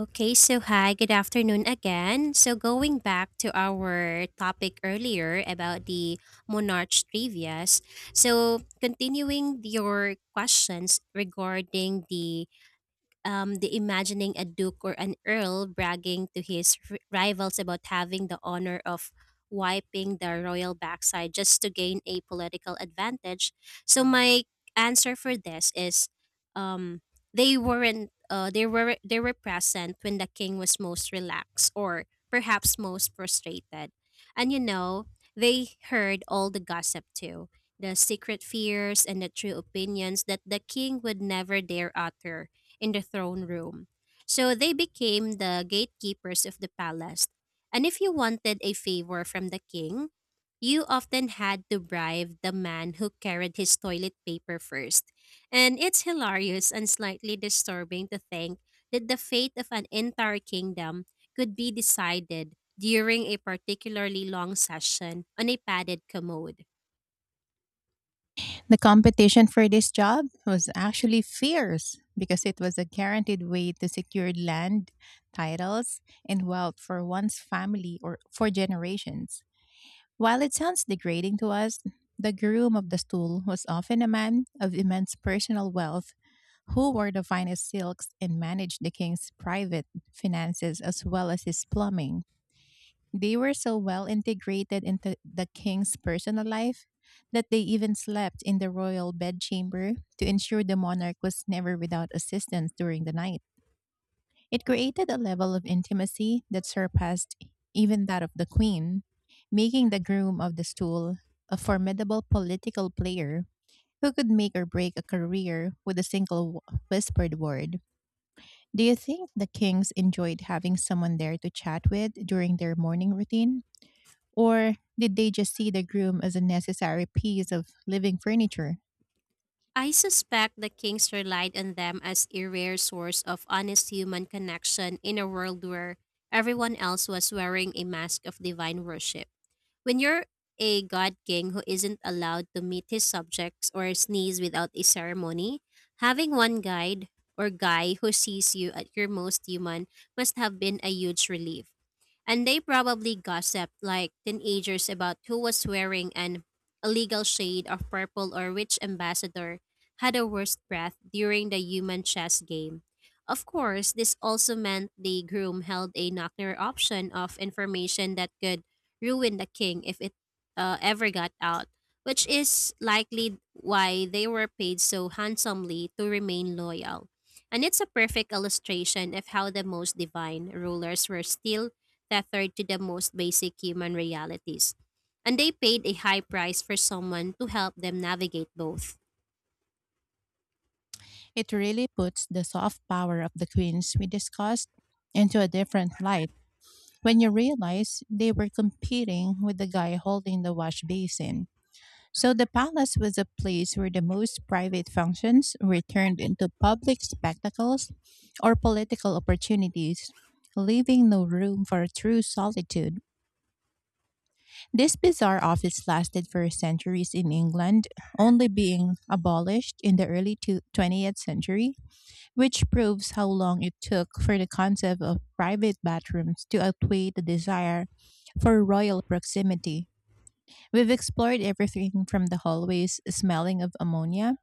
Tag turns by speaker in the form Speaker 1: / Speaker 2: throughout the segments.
Speaker 1: Okay, so hi, good afternoon again. So going back to our topic earlier about the Monarch trivias. So continuing your questions regarding the imagining a duke or an earl bragging to his rivals about having the honor of wiping the royal backside just to gain a political advantage. So my answer for this is, um, they weren't. They were present when the king was most relaxed or perhaps most frustrated, and they heard all the gossip too, the secret fears and the true opinions that the king would never dare utter in the throne room. So they became the gatekeepers of the palace. And if you wanted a favor from the king, you often had to bribe the man who carried his toilet paper first. And it's hilarious and slightly disturbing to think that the fate of an entire kingdom could be decided during a particularly long session on a padded commode.
Speaker 2: The competition for this job was actually fierce because it was a guaranteed way to secure land, titles, and wealth for one's family or for generations. While it sounds degrading to us, the groom of the stool was often a man of immense personal wealth who wore the finest silks and managed the king's private finances as well as his plumbing. They were so well integrated into the king's personal life that they even slept in the royal bedchamber to ensure the monarch was never without assistance during the night. It created a level of intimacy that surpassed even that of the queen, making the groom of the stool a formidable political player who could make or break a career with a single whispered word. Do you think the kings enjoyed having someone there to chat with during their morning routine? Or did they just see the groom as a necessary piece of living furniture?
Speaker 1: I suspect the kings relied on them as a rare source of honest human connection in a world where everyone else was wearing a mask of divine worship. When you're a god king who isn't allowed to meet his subjects or sneeze without a ceremony, having one guide or guy who sees you at your most human must have been a huge relief. And they probably gossiped like teenagers about who was wearing an illegal shade of purple or which ambassador had a worse breath during the human chess game. Of course, this also meant the groom held a knockner option of information that could ruin the king if it ever got out, which is likely why they were paid so handsomely to remain loyal. And it's a perfect illustration of how the most divine rulers were still tethered to the most basic human realities. And they paid a high price for someone to help them navigate both.
Speaker 2: It really puts the soft power of the queens we discussed into a different light when you realize they were competing with the guy holding the wash basin. So the palace was a place where the most private functions were turned into public spectacles or political opportunities, leaving no room for true solitude. This bizarre office lasted for centuries in England, only being abolished in the early 20th century, which proves how long it took for the concept of private bathrooms to outweigh the desire for royal proximity. We've explored everything from the hallways smelling of ammonia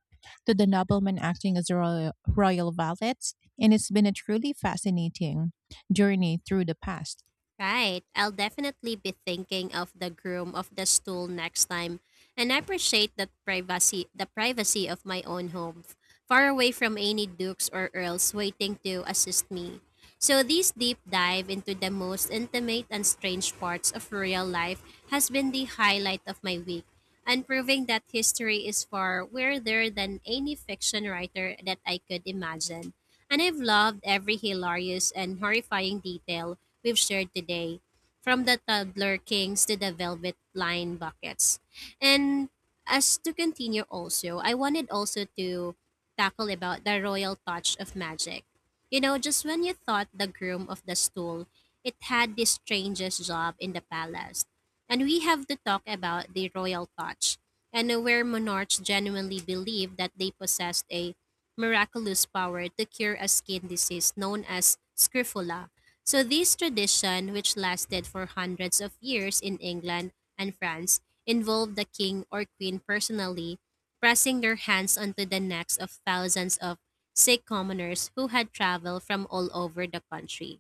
Speaker 2: to the noblemen acting as royal valets, and it's been a truly fascinating journey through the past.
Speaker 1: Right. I'll definitely be thinking of the groom of the stool next time. And I appreciate that privacy the privacy of my own home, far away from any dukes or earls waiting to assist me. So, this deep dive into the most intimate and strange parts of real life has been the highlight of my week, and proving that history is far weirder than any fiction writer that I could imagine. And I've loved every hilarious and horrifying detail we've shared today, from the toddler kings to the velvet line buckets. And as to continue also, I wanted also to tackle about the royal touch of magic, you know, just when you thought the groom of the stool, it had the strangest job in the palace. And we have to talk about the royal touch, and where monarchs genuinely believed that they possessed a miraculous power to cure a skin disease known as scrofula. So this tradition, which lasted for hundreds of years in England and France, involved the king or queen personally pressing their hands onto the necks of thousands of sick commoners who had traveled from all over the country,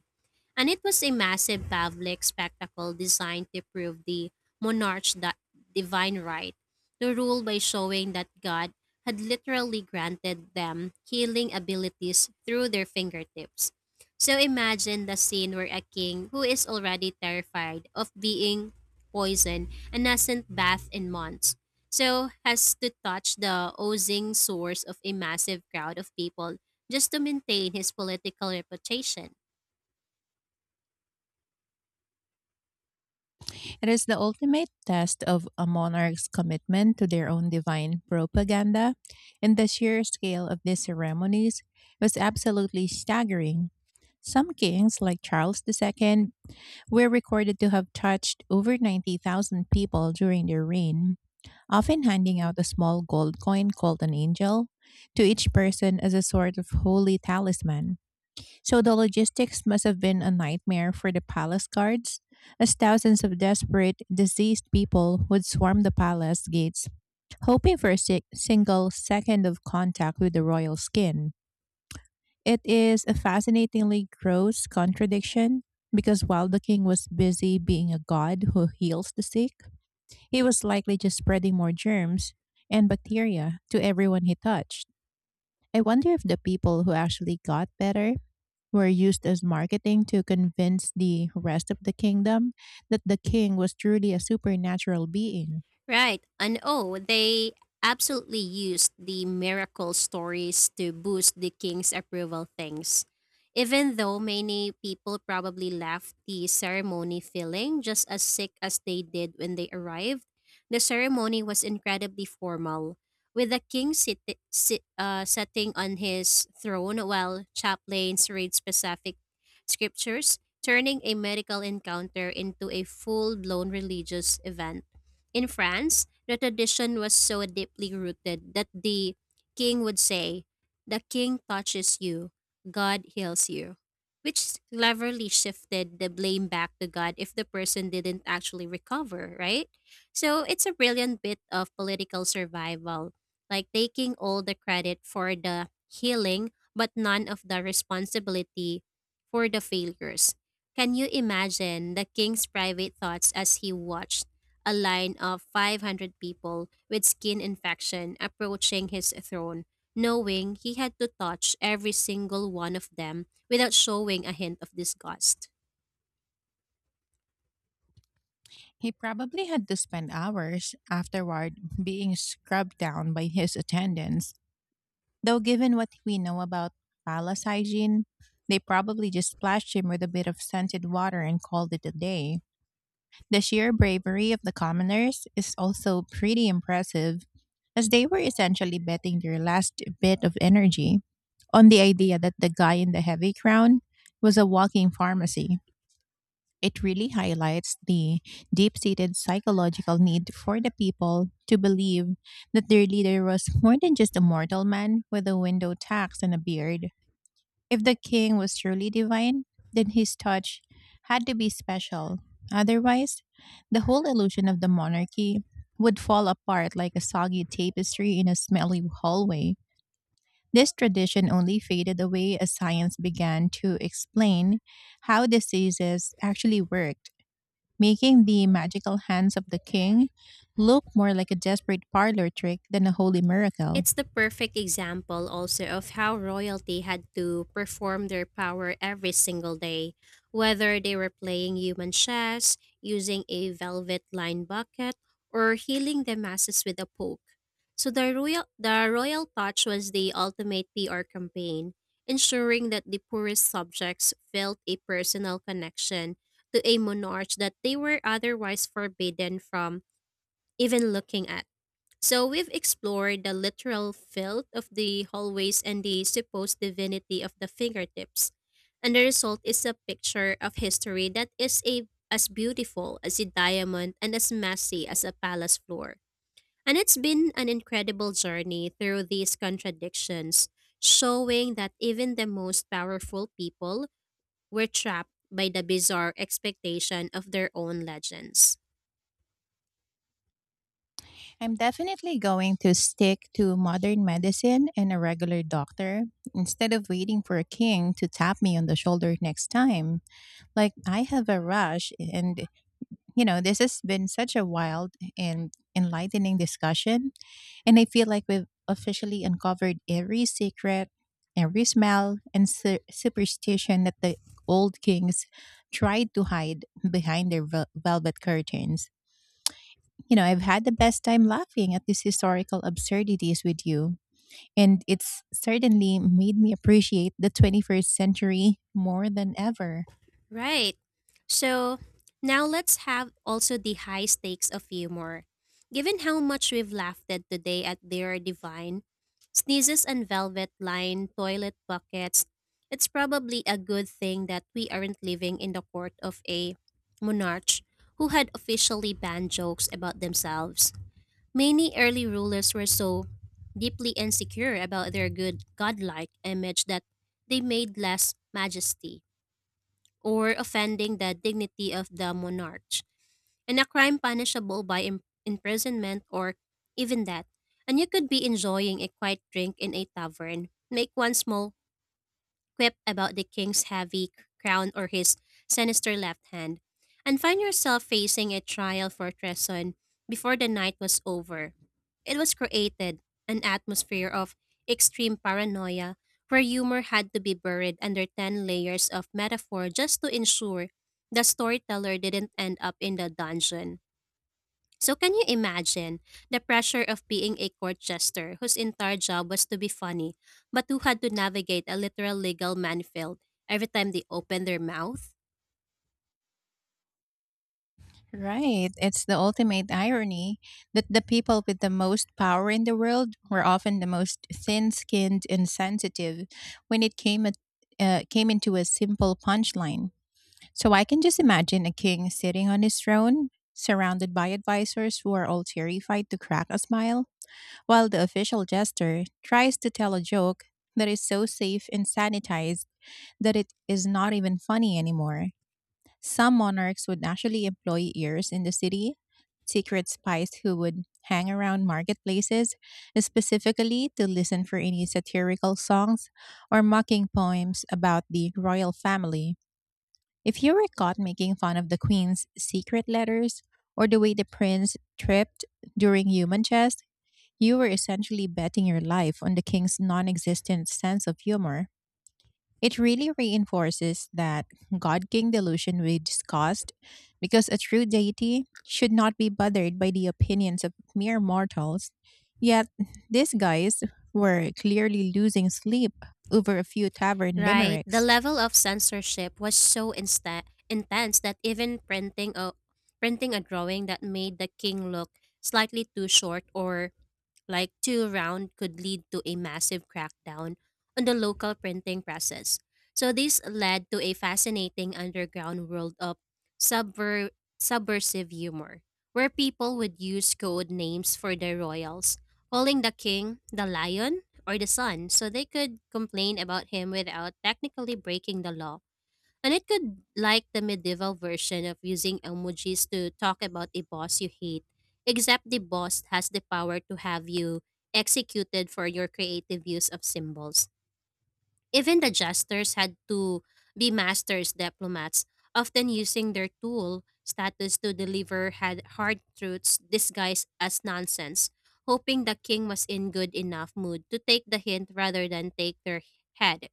Speaker 1: and it was a massive public spectacle designed to prove the monarch's divine right to rule by showing that God had literally granted them healing abilities through their fingertips. So imagine the scene where a king who is already terrified of being poisoned and hasn't bathed in months, so has to touch the oozing source of a massive crowd of people just to maintain his political reputation.
Speaker 2: It is the ultimate test of a monarch's commitment to their own divine propaganda, and the sheer scale of these ceremonies was absolutely staggering. Some kings, like Charles II, were recorded to have touched over 90,000 people during their reign, often handing out a small gold coin called an angel to each person as a sort of holy talisman. So the logistics must have been a nightmare for the palace guards, as thousands of desperate, diseased people would swarm the palace gates, hoping for a single second of contact with the royal skin. It is a fascinatingly gross contradiction because while the king was busy being a god who heals the sick, he was likely just spreading more germs and bacteria to everyone he touched. I wonder if the people who actually got better were used as marketing to convince the rest of the kingdom that the king was truly a supernatural being.
Speaker 1: Right. And oh, they absolutely used the miracle stories to boost the king's approval things. Even though many people probably left the ceremony feeling just as sick as they did when they arrived, the ceremony was incredibly formal, with the king sitting on his throne while chaplains read specific scriptures, turning a medical encounter into a full blown religious event. In France, the tradition was so deeply rooted that the king would say, "The king touches you, God heals you," which cleverly shifted the blame back to God if the person didn't actually recover, right? So it's a brilliant bit of political survival, like taking all the credit for the healing, but none of the responsibility for the failures. Can you imagine the king's private thoughts as he watched a line of 500 people with skin infection approaching his throne, knowing he had to touch every single one of them without showing a hint of disgust?
Speaker 2: He probably had to spend hours afterward being scrubbed down by his attendants. Though, given what we know about palace hygiene, they probably just splashed him with a bit of scented water and called it a day. The sheer bravery of the commoners is also pretty impressive, as they were essentially betting their last bit of energy on the idea that the guy in the heavy crown was a walking pharmacy. It really highlights the deep seated psychological need for the people to believe that their leader was more than just a mortal man with a window tax and a beard. If the king was truly divine, then his touch had to be special. Otherwise, the whole illusion of the monarchy would fall apart like a soggy tapestry in a smelly hallway. This tradition only faded away as science began to explain how diseases actually worked, making the magical hands of the king look more like a desperate parlor trick than a holy miracle.
Speaker 1: It's the perfect example also of how royalty had to perform their power every single day, whether they were playing human chess, using a velvet lined bucket, or healing the masses with a poke. So the royal touch was the ultimate PR campaign, ensuring that the poorest subjects felt a personal connection to a monarch that they were otherwise forbidden from even looking at. So we've explored the literal filth of the hallways and the supposed divinity of the fingertips. And the result is a picture of history that is a, as beautiful as a diamond and as messy as a palace floor. And it's been an incredible journey through these contradictions, showing that even the most powerful people were trapped by the bizarre expectation of their own legends.
Speaker 2: I'm definitely going to stick to modern medicine and a regular doctor instead of waiting for a king to tap me on the shoulder next time. Like, I have a rush, and this has been such a wild and enlightening discussion. And I feel like we've officially uncovered every secret, every smell, and superstition that the old kings tried to hide behind their velvet curtains. You know, I've had the best time laughing at these historical absurdities with you, and it's certainly made me appreciate the 21st century more than ever.
Speaker 1: Right. So now let's have also the high stakes of humor. Given how much we've laughed at today at their divine sneezes and velvet lined toilet buckets, it's probably a good thing that we aren't living in the court of a monarch who had officially banned jokes about themselves. Many early rulers were so deeply insecure about their good godlike image that they made less majesty, or offending the dignity of the monarch, and a crime punishable by imprisonment or even death. And you could be enjoying a quiet drink in a tavern, make one small quip about the king's heavy crown or his sinister left hand, and find yourself facing a trial for treason before the night was over. It was created an atmosphere of extreme paranoia where humor had to be buried under 10 layers of metaphor just to ensure the storyteller didn't end up in the dungeon. So can you imagine the pressure of being a court jester whose entire job was to be funny, but who had to navigate a literal legal minefield every time they opened their mouth?
Speaker 2: Right. It's the ultimate irony that the people with the most power in the world were often the most thin skinned and sensitive when it came at came into a simple punchline. So I can just imagine a king sitting on his throne, surrounded by advisors who are all terrified to crack a smile while the official jester tries to tell a joke that is so safe and sanitized that it is not even funny anymore. Some monarchs would actually employ ears in the city, secret spies who would hang around marketplaces specifically to listen for any satirical songs or mocking poems about the royal family. If you were caught making fun of the queen's secret letters or the way the prince tripped during human chess, you were essentially betting your life on the king's non existent sense of humor. It really reinforces that God King delusion we discussed because a true deity should not be bothered by the opinions of mere mortals. Yet, these guys were clearly losing sleep over a few tavern
Speaker 1: Right, the
Speaker 2: limericks.
Speaker 1: level of censorship was so intense that even printing a drawing that made the king look slightly too short or like too round could lead to a massive crackdown on the local printing presses. So this led to a fascinating underground world of subversive humor, where people would use code names for their royals, calling the king the lion or the sun, so they could complain about him without technically breaking the law. And it could like the medieval version of using emojis to talk about a boss you hate, except the boss has the power to have you executed for your creative use of symbols. Even the jesters had to be masters diplomats, often using their tool status to deliver had hard truths disguised as nonsense, hoping the king was in good enough mood to take the hint rather than take their head.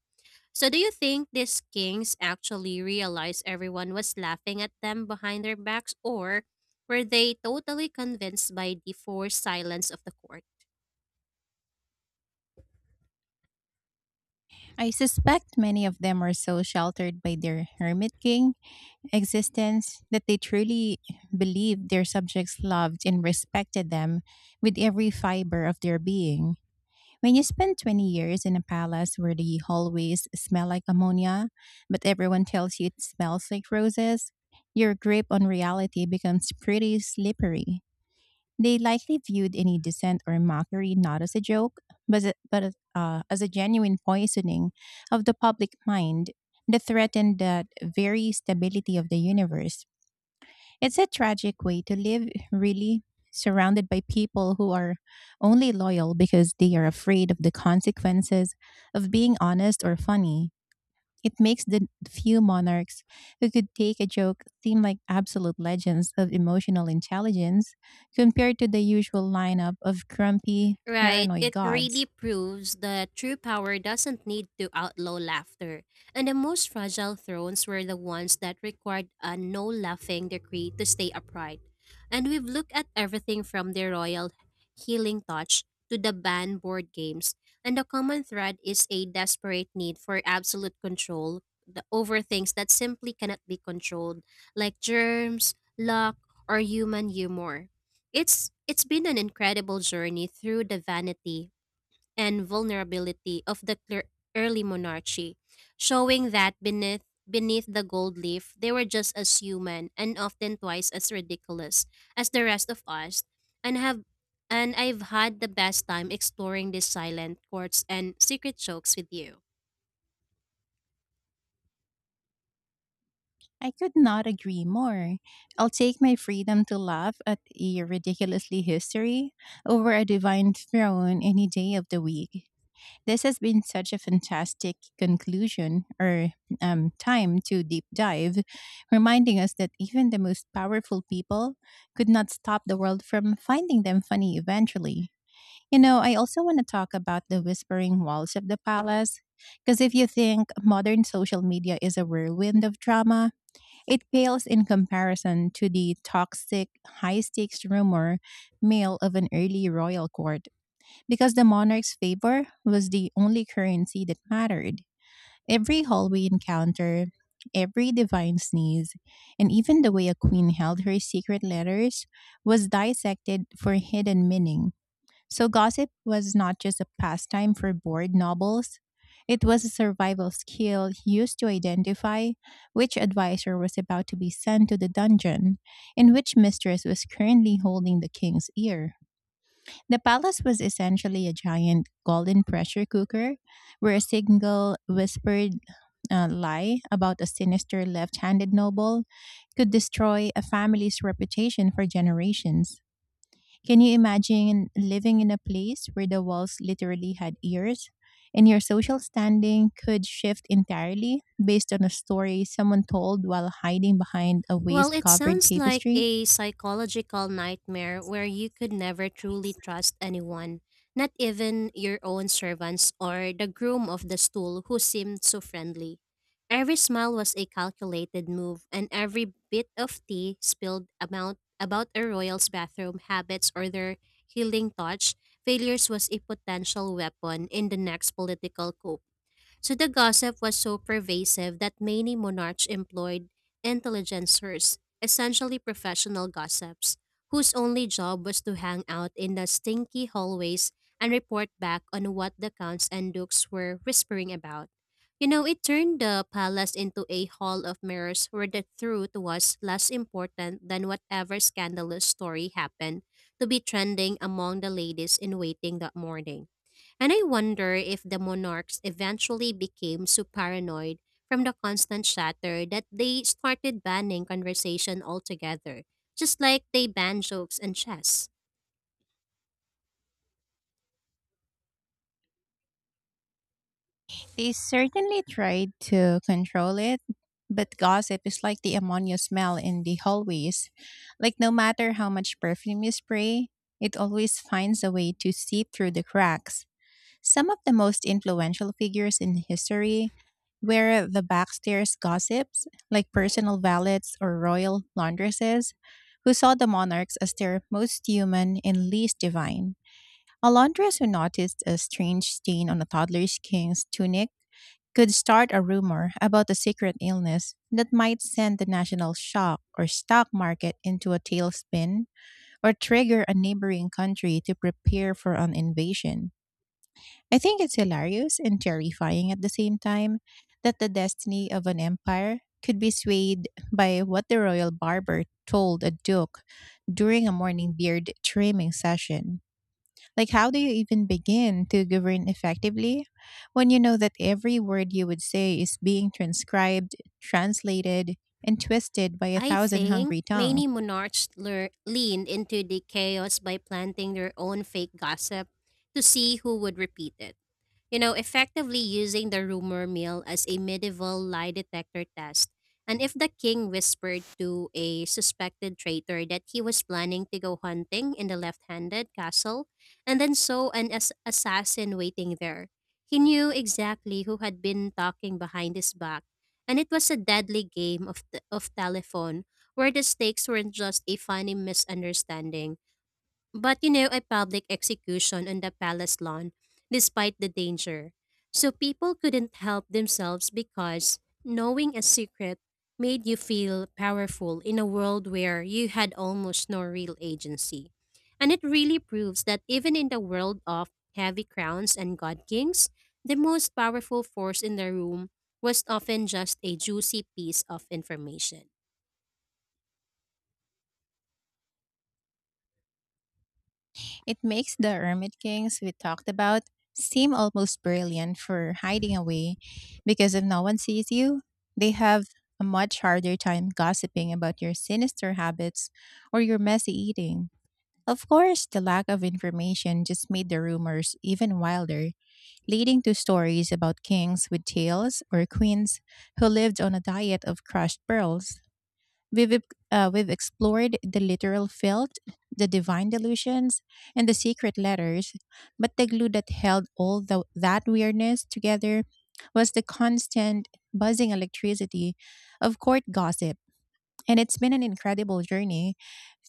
Speaker 1: So, do you think these kings actually realized everyone was laughing at them behind their backs, or were they totally convinced by the forced silence of the court?
Speaker 2: I suspect many of them were so sheltered by their hermit king existence that they truly believed their subjects loved and respected them with every fiber of their being. When you spend 20 years in a palace where the hallways smell like ammonia, but everyone tells you it smells like roses, your grip on reality becomes pretty slippery. They likely viewed any dissent or mockery not as a joke, but as a genuine poisoning of the public mind that threatened the very stability of the universe. It's a tragic way to live, really, surrounded by people who are only loyal because they are afraid of the consequences of being honest or funny. It makes the few monarchs who could take a joke seem like absolute legends of emotional intelligence compared to the usual lineup of grumpy,
Speaker 1: Right,
Speaker 2: paranoid
Speaker 1: it really
Speaker 2: gods.
Speaker 1: proves that true power doesn't need to outlaw laughter. And the most fragile thrones were the ones that required a no laughing decree to stay upright. And we've looked at everything from the royal healing touch to the banned board games, and the common thread is a desperate need for absolute control over things that simply cannot be controlled, like germs, luck, or human humor. It's been an incredible journey through the vanity and vulnerability of the early monarchy, showing that beneath the gold leaf they were just as human and often twice as ridiculous as the rest of us and have and I've had the best time exploring these silent courts and secret jokes with you.
Speaker 2: I could not agree more. I'll take my freedom to laugh at a ridiculously history over a divine throne any day of the week. This has been such a fantastic conclusion or time to deep dive, reminding us that even the most powerful people could not stop the world from finding them funny eventually. You know, I also want to talk about the whispering walls of the palace, because if you think modern social media is a whirlwind of drama, it pales in comparison to the toxic, high stakes rumor mill of an early royal court, because the monarch's favor was the only currency that mattered. Every hallway encounter, every divine sneeze, and even the way a queen held her secret letters was dissected for hidden meaning. So gossip was not just a pastime for bored nobles, it was a survival skill used to identify which advisor was about to be sent to the dungeon and which mistress was currently holding the king's ear. The palace was essentially a giant golden pressure cooker where a single whispered lie about a sinister left handed noble could destroy a family's reputation for generations. Can you imagine living in a place where the walls literally had ears? And your social standing could shift entirely based on a story someone told while hiding behind a
Speaker 1: Well,
Speaker 2: waist
Speaker 1: it
Speaker 2: covered
Speaker 1: sounds like
Speaker 2: tapestry?
Speaker 1: a psychological nightmare where you could never truly trust anyone, not even your own servants or the groom of the stool who seemed so friendly. Every smile was a calculated move, and every bit of tea spilled about a royal's bathroom habits or their healing touch, failures was a potential weapon in the next political coup. So the gossip was so pervasive that many monarchs employed intelligencers, essentially professional gossips, whose only job was to hang out in the stinky hallways and report back on what the counts and dukes were whispering about. You know, it turned the palace into a hall of mirrors where the truth was less important than whatever scandalous story happened to be trending among the ladies in waiting that morning. And I wonder if the monarchs eventually became so paranoid from the constant chatter that they started banning conversation altogether, just like they ban jokes and chess.
Speaker 2: They certainly tried to control it, but gossip is like the ammonia smell in the hallways. Like, no matter how much perfume you spray, it always finds a way to seep through the cracks. Some of the most influential figures in history were the backstairs gossips, like personal valets or royal laundresses, who saw the monarchs as their most human and least divine. A laundress who noticed a strange stain on a toddler's king's tunic could start a rumor about a secret illness that might send the national shock or stock market into a tailspin or trigger a neighboring country to prepare for an invasion. I think it's hilarious and terrifying at the same time that the destiny of an empire could be swayed by what the royal barber told a duke during a morning beard trimming session. Like, how do you even begin to govern effectively when you know that every word you would say is being transcribed, translated, and twisted by a
Speaker 1: I
Speaker 2: thousand
Speaker 1: think
Speaker 2: hungry tongues?
Speaker 1: many monarchs leaned into the chaos by planting their own fake gossip to see who would repeat it. You know, effectively using the rumor mill as a medieval lie detector test. And if the king whispered to a suspected traitor that he was planning to go hunting in the left handed castle and then saw an assassin waiting there, he knew exactly who had been talking behind his back. And it was a deadly game of, of telephone, where the stakes weren't just a funny misunderstanding but, you know, a public execution on the palace lawn, despite the danger. So people couldn't help themselves because knowing a secret made you feel powerful in a world where you had almost no real agency. And it really proves that even in the world of heavy crowns and god kings, the most powerful force in the room was often just a juicy piece of information.
Speaker 2: It makes the Hermit Kings we talked about seem almost brilliant for hiding away because if no one sees you, they have a much harder time gossiping about your sinister habits or your messy eating. Of course, the lack of information just made the rumors even wilder, leading to stories about kings with tails or queens who lived on a diet of crushed pearls. We've explored the literal felt, the divine delusions, and the secret letters, but the glue that held that weirdness together was the constant buzzing electricity of court gossip. And it's been an incredible journey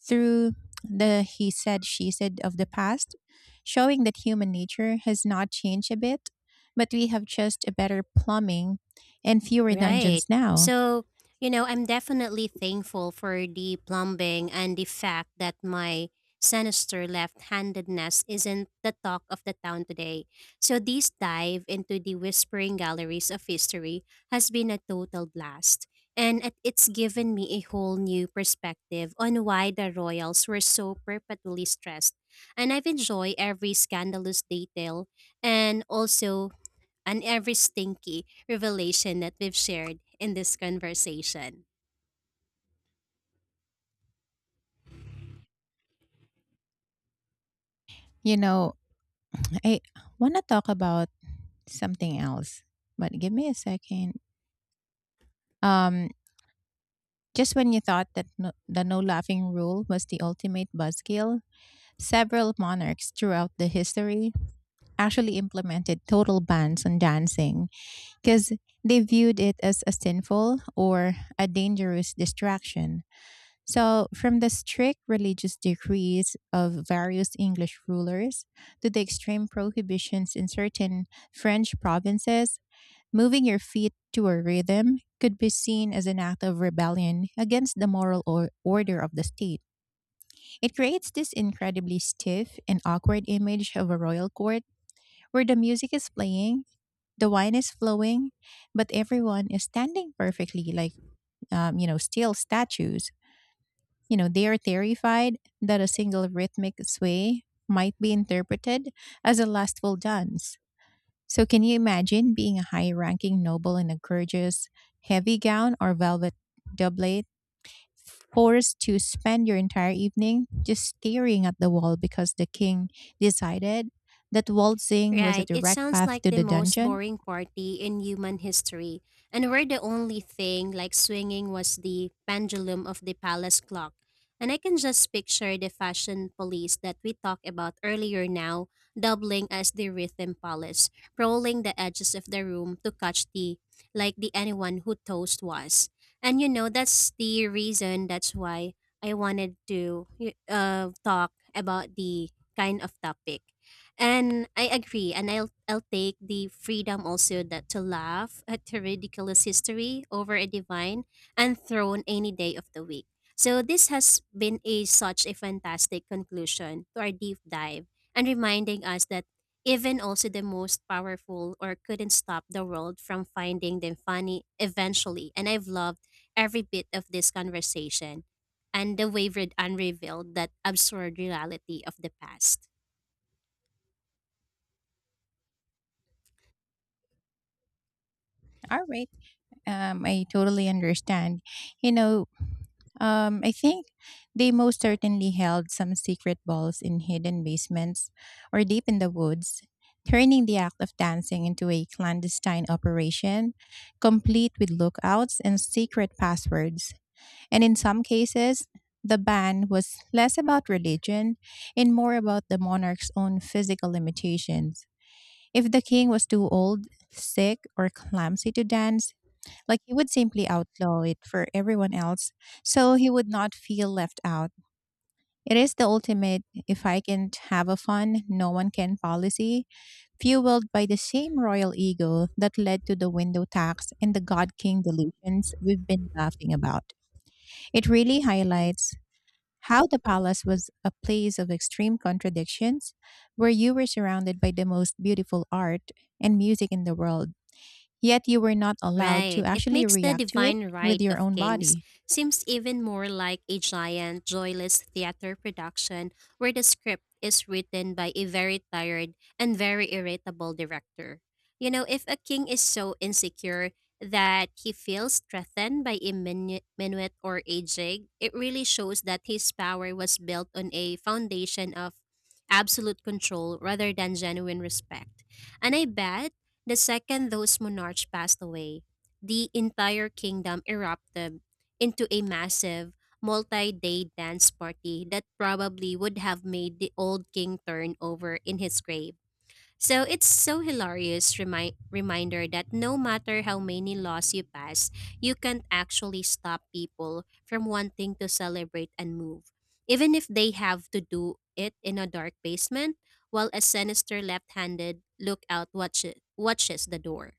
Speaker 2: through the he said, she said of the past, showing that human nature has not changed a bit, but we have just a better plumbing and fewer
Speaker 1: Right.
Speaker 2: dungeons now.
Speaker 1: So, you know, I'm definitely thankful for the plumbing and the fact that my sinister left handedness isn't the talk of the town today. So, this dive into the whispering galleries of history has been a total blast. And it's given me a whole new perspective on why the royals were so perpetually stressed. And I've enjoyed every scandalous detail and also and every stinky revelation that we've shared in this conversation.
Speaker 2: You know, I want to talk about something else, but give me a second. Um, just when you thought that no, the no laughing rule was the ultimate buzzkill, several monarchs throughout the history actually implemented total bans on dancing because they viewed it as a sinful or a dangerous distraction. So, from the strict religious decrees of various English rulers to the extreme prohibitions in certain French provinces, moving your feet to a rhythm could be seen as an act of rebellion against the moral order of the state. It creates this incredibly stiff and awkward image of a royal court where the music is playing, the wine is flowing, but everyone is standing perfectly, still statues. You know, they are terrified that a single rhythmic sway might be interpreted as a lustful dance. So, can you imagine being a high ranking noble in a gorgeous heavy gown or velvet doublet, forced to spend your entire evening just staring at the wall because the king decided that waltzing was a
Speaker 1: Right. It
Speaker 2: direct
Speaker 1: sounds
Speaker 2: path
Speaker 1: like
Speaker 2: to
Speaker 1: the
Speaker 2: the
Speaker 1: most
Speaker 2: dungeon?
Speaker 1: boring party in human history. And where the only thing like swinging was the pendulum of the palace clock. And I can just picture the fashion police that we talked about earlier now, doubling as the rhythm police, rolling the edges of the room to catch the, like, the anyone who toast was. And, you know, that's the reason, that's why I wanted to talk about the kind of topic, and I agree, and I'll take the freedom also that to laugh at the ridiculous history over a divine and throne any day of the week. So this has been a such a fantastic conclusion to our deep dive and reminding us that even also the most powerful or couldn't stop the world from finding them funny eventually. And I've loved every bit of this conversation and the wavered unrevealed that absurd reality of the past.
Speaker 2: All right. I totally understand. You know, I think they most certainly held some secret balls in hidden basements or deep in the woods, turning the act of dancing into a clandestine operation, complete with lookouts and secret passwords. And in some cases, the ban was less about religion and more about the monarch's own physical limitations. If the king was too old, sick, or clumsy to dance, like he would simply outlaw it for everyone else so he would not feel left out. It is the ultimate if I can't have a fun, no one can policy, fueled by the same royal ego that led to the window tax and the God King delusions we've been laughing about. It really highlights how the palace was a place of extreme contradictions where you were surrounded by the most beautiful art and music in the world. Yet you were not allowed
Speaker 1: Right.
Speaker 2: to
Speaker 1: It
Speaker 2: actually
Speaker 1: makes the
Speaker 2: react to it
Speaker 1: divine
Speaker 2: with
Speaker 1: right
Speaker 2: your
Speaker 1: of
Speaker 2: own
Speaker 1: kings
Speaker 2: body.
Speaker 1: seems even more like a giant, joyless theater production where the script is written by a very tired and very irritable director. You know, if a king is so insecure that he feels threatened by a minuet or a jig, it really shows that his power was built on a foundation of absolute control rather than genuine respect. And I bet the second those monarchs passed away, the entire kingdom erupted into a massive multi day dance party that probably would have made the old king turn over in his grave. So it's so hilarious reminder that no matter how many laws you pass, you can't actually stop people from wanting to celebrate and move. Even if they have to do it in a dark basement while a sinister left-handed lookout watches the door.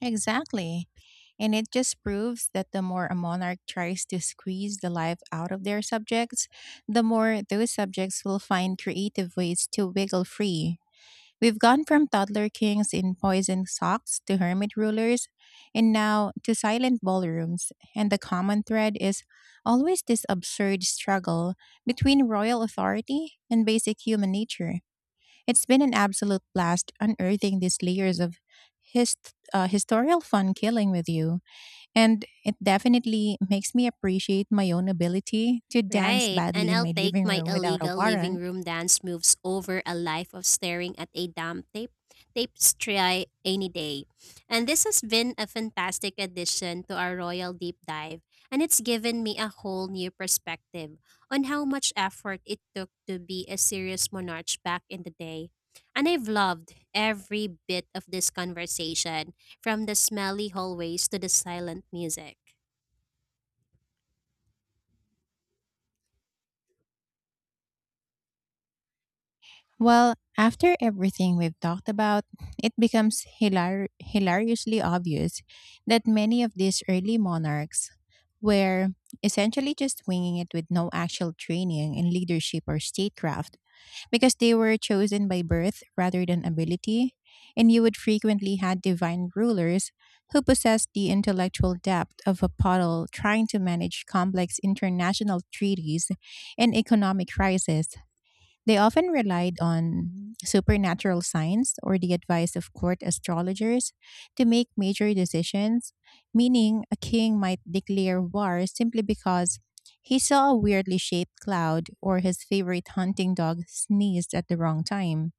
Speaker 2: Exactly. And it just proves that the more a monarch tries to squeeze the life out of their subjects, the more those subjects will find creative ways to wiggle free. We've gone from toddler kings in poison socks to hermit rulers, and now to silent ballrooms. And the common thread is always this absurd struggle between royal authority and basic human nature. It's been an absolute blast unearthing these layers of historical fun killing with you, and it definitely makes me appreciate my own ability to dance
Speaker 1: Right.
Speaker 2: badly
Speaker 1: And
Speaker 2: in
Speaker 1: I'll
Speaker 2: my
Speaker 1: take
Speaker 2: living
Speaker 1: my
Speaker 2: room without a
Speaker 1: illegal
Speaker 2: warrant.
Speaker 1: living room dance moves over a life of staring at a damn tapestry any day. And this has been a fantastic addition to our Royal Deep Dive, and it's given me a whole new perspective on how much effort it took to be a serious monarch back in the day. And I've loved every bit of this conversation, from the smelly hallways to the silent music.
Speaker 2: Well, after everything we've talked about, it becomes hilariously obvious that many of these early monarchs were essentially just winging it with no actual training in leadership or statecraft because they were chosen by birth rather than ability, and you would frequently had divine rulers who possessed the intellectual depth of a poodle trying to manage complex international treaties and economic crises. They often relied on supernatural signs or the advice of court astrologers to make major decisions, meaning a king might declare war simply because he saw a weirdly shaped cloud or his favorite hunting dog sneezed at the wrong time.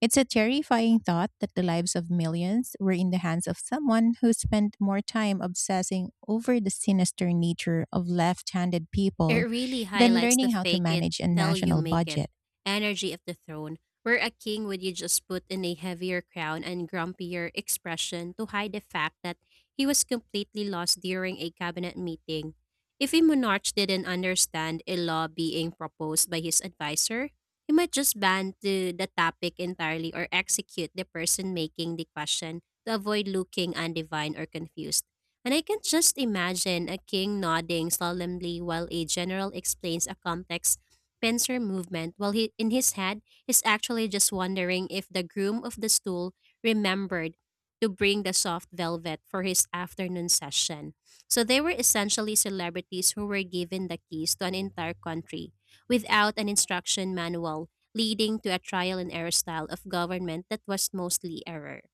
Speaker 2: It's a terrifying thought that the lives of millions were in the hands of someone who spent more time obsessing over the sinister nature of left handed people
Speaker 1: It really
Speaker 2: than
Speaker 1: highlights the
Speaker 2: learning how to
Speaker 1: fake it
Speaker 2: manage a
Speaker 1: till you
Speaker 2: national
Speaker 1: make it
Speaker 2: budget.
Speaker 1: energy of the throne, where a king would you just put in a heavier crown and grumpier expression to hide the fact that he was completely lost during a cabinet meeting. If a monarch didn't understand a law being proposed by his advisor, he might just ban the topic entirely or execute the person making the question to avoid looking undivine or confused. And I can just imagine a king nodding solemnly while a general explains a complex pincer movement, while he, in his head, is actually just wondering if the groom of the stool remembered to bring the soft velvet for his afternoon session. So they were essentially celebrities who were given the keys to an entire country without an instruction manual, leading to a trial and error style of government that was mostly error.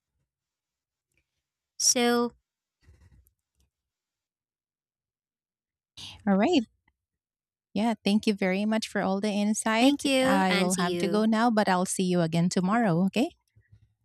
Speaker 1: So,
Speaker 2: All right. Yeah, thank you very much for all the insight.
Speaker 1: thank you
Speaker 2: I
Speaker 1: and
Speaker 2: will
Speaker 1: see
Speaker 2: have to go
Speaker 1: you.
Speaker 2: now, but I'll see you again tomorrow, okay?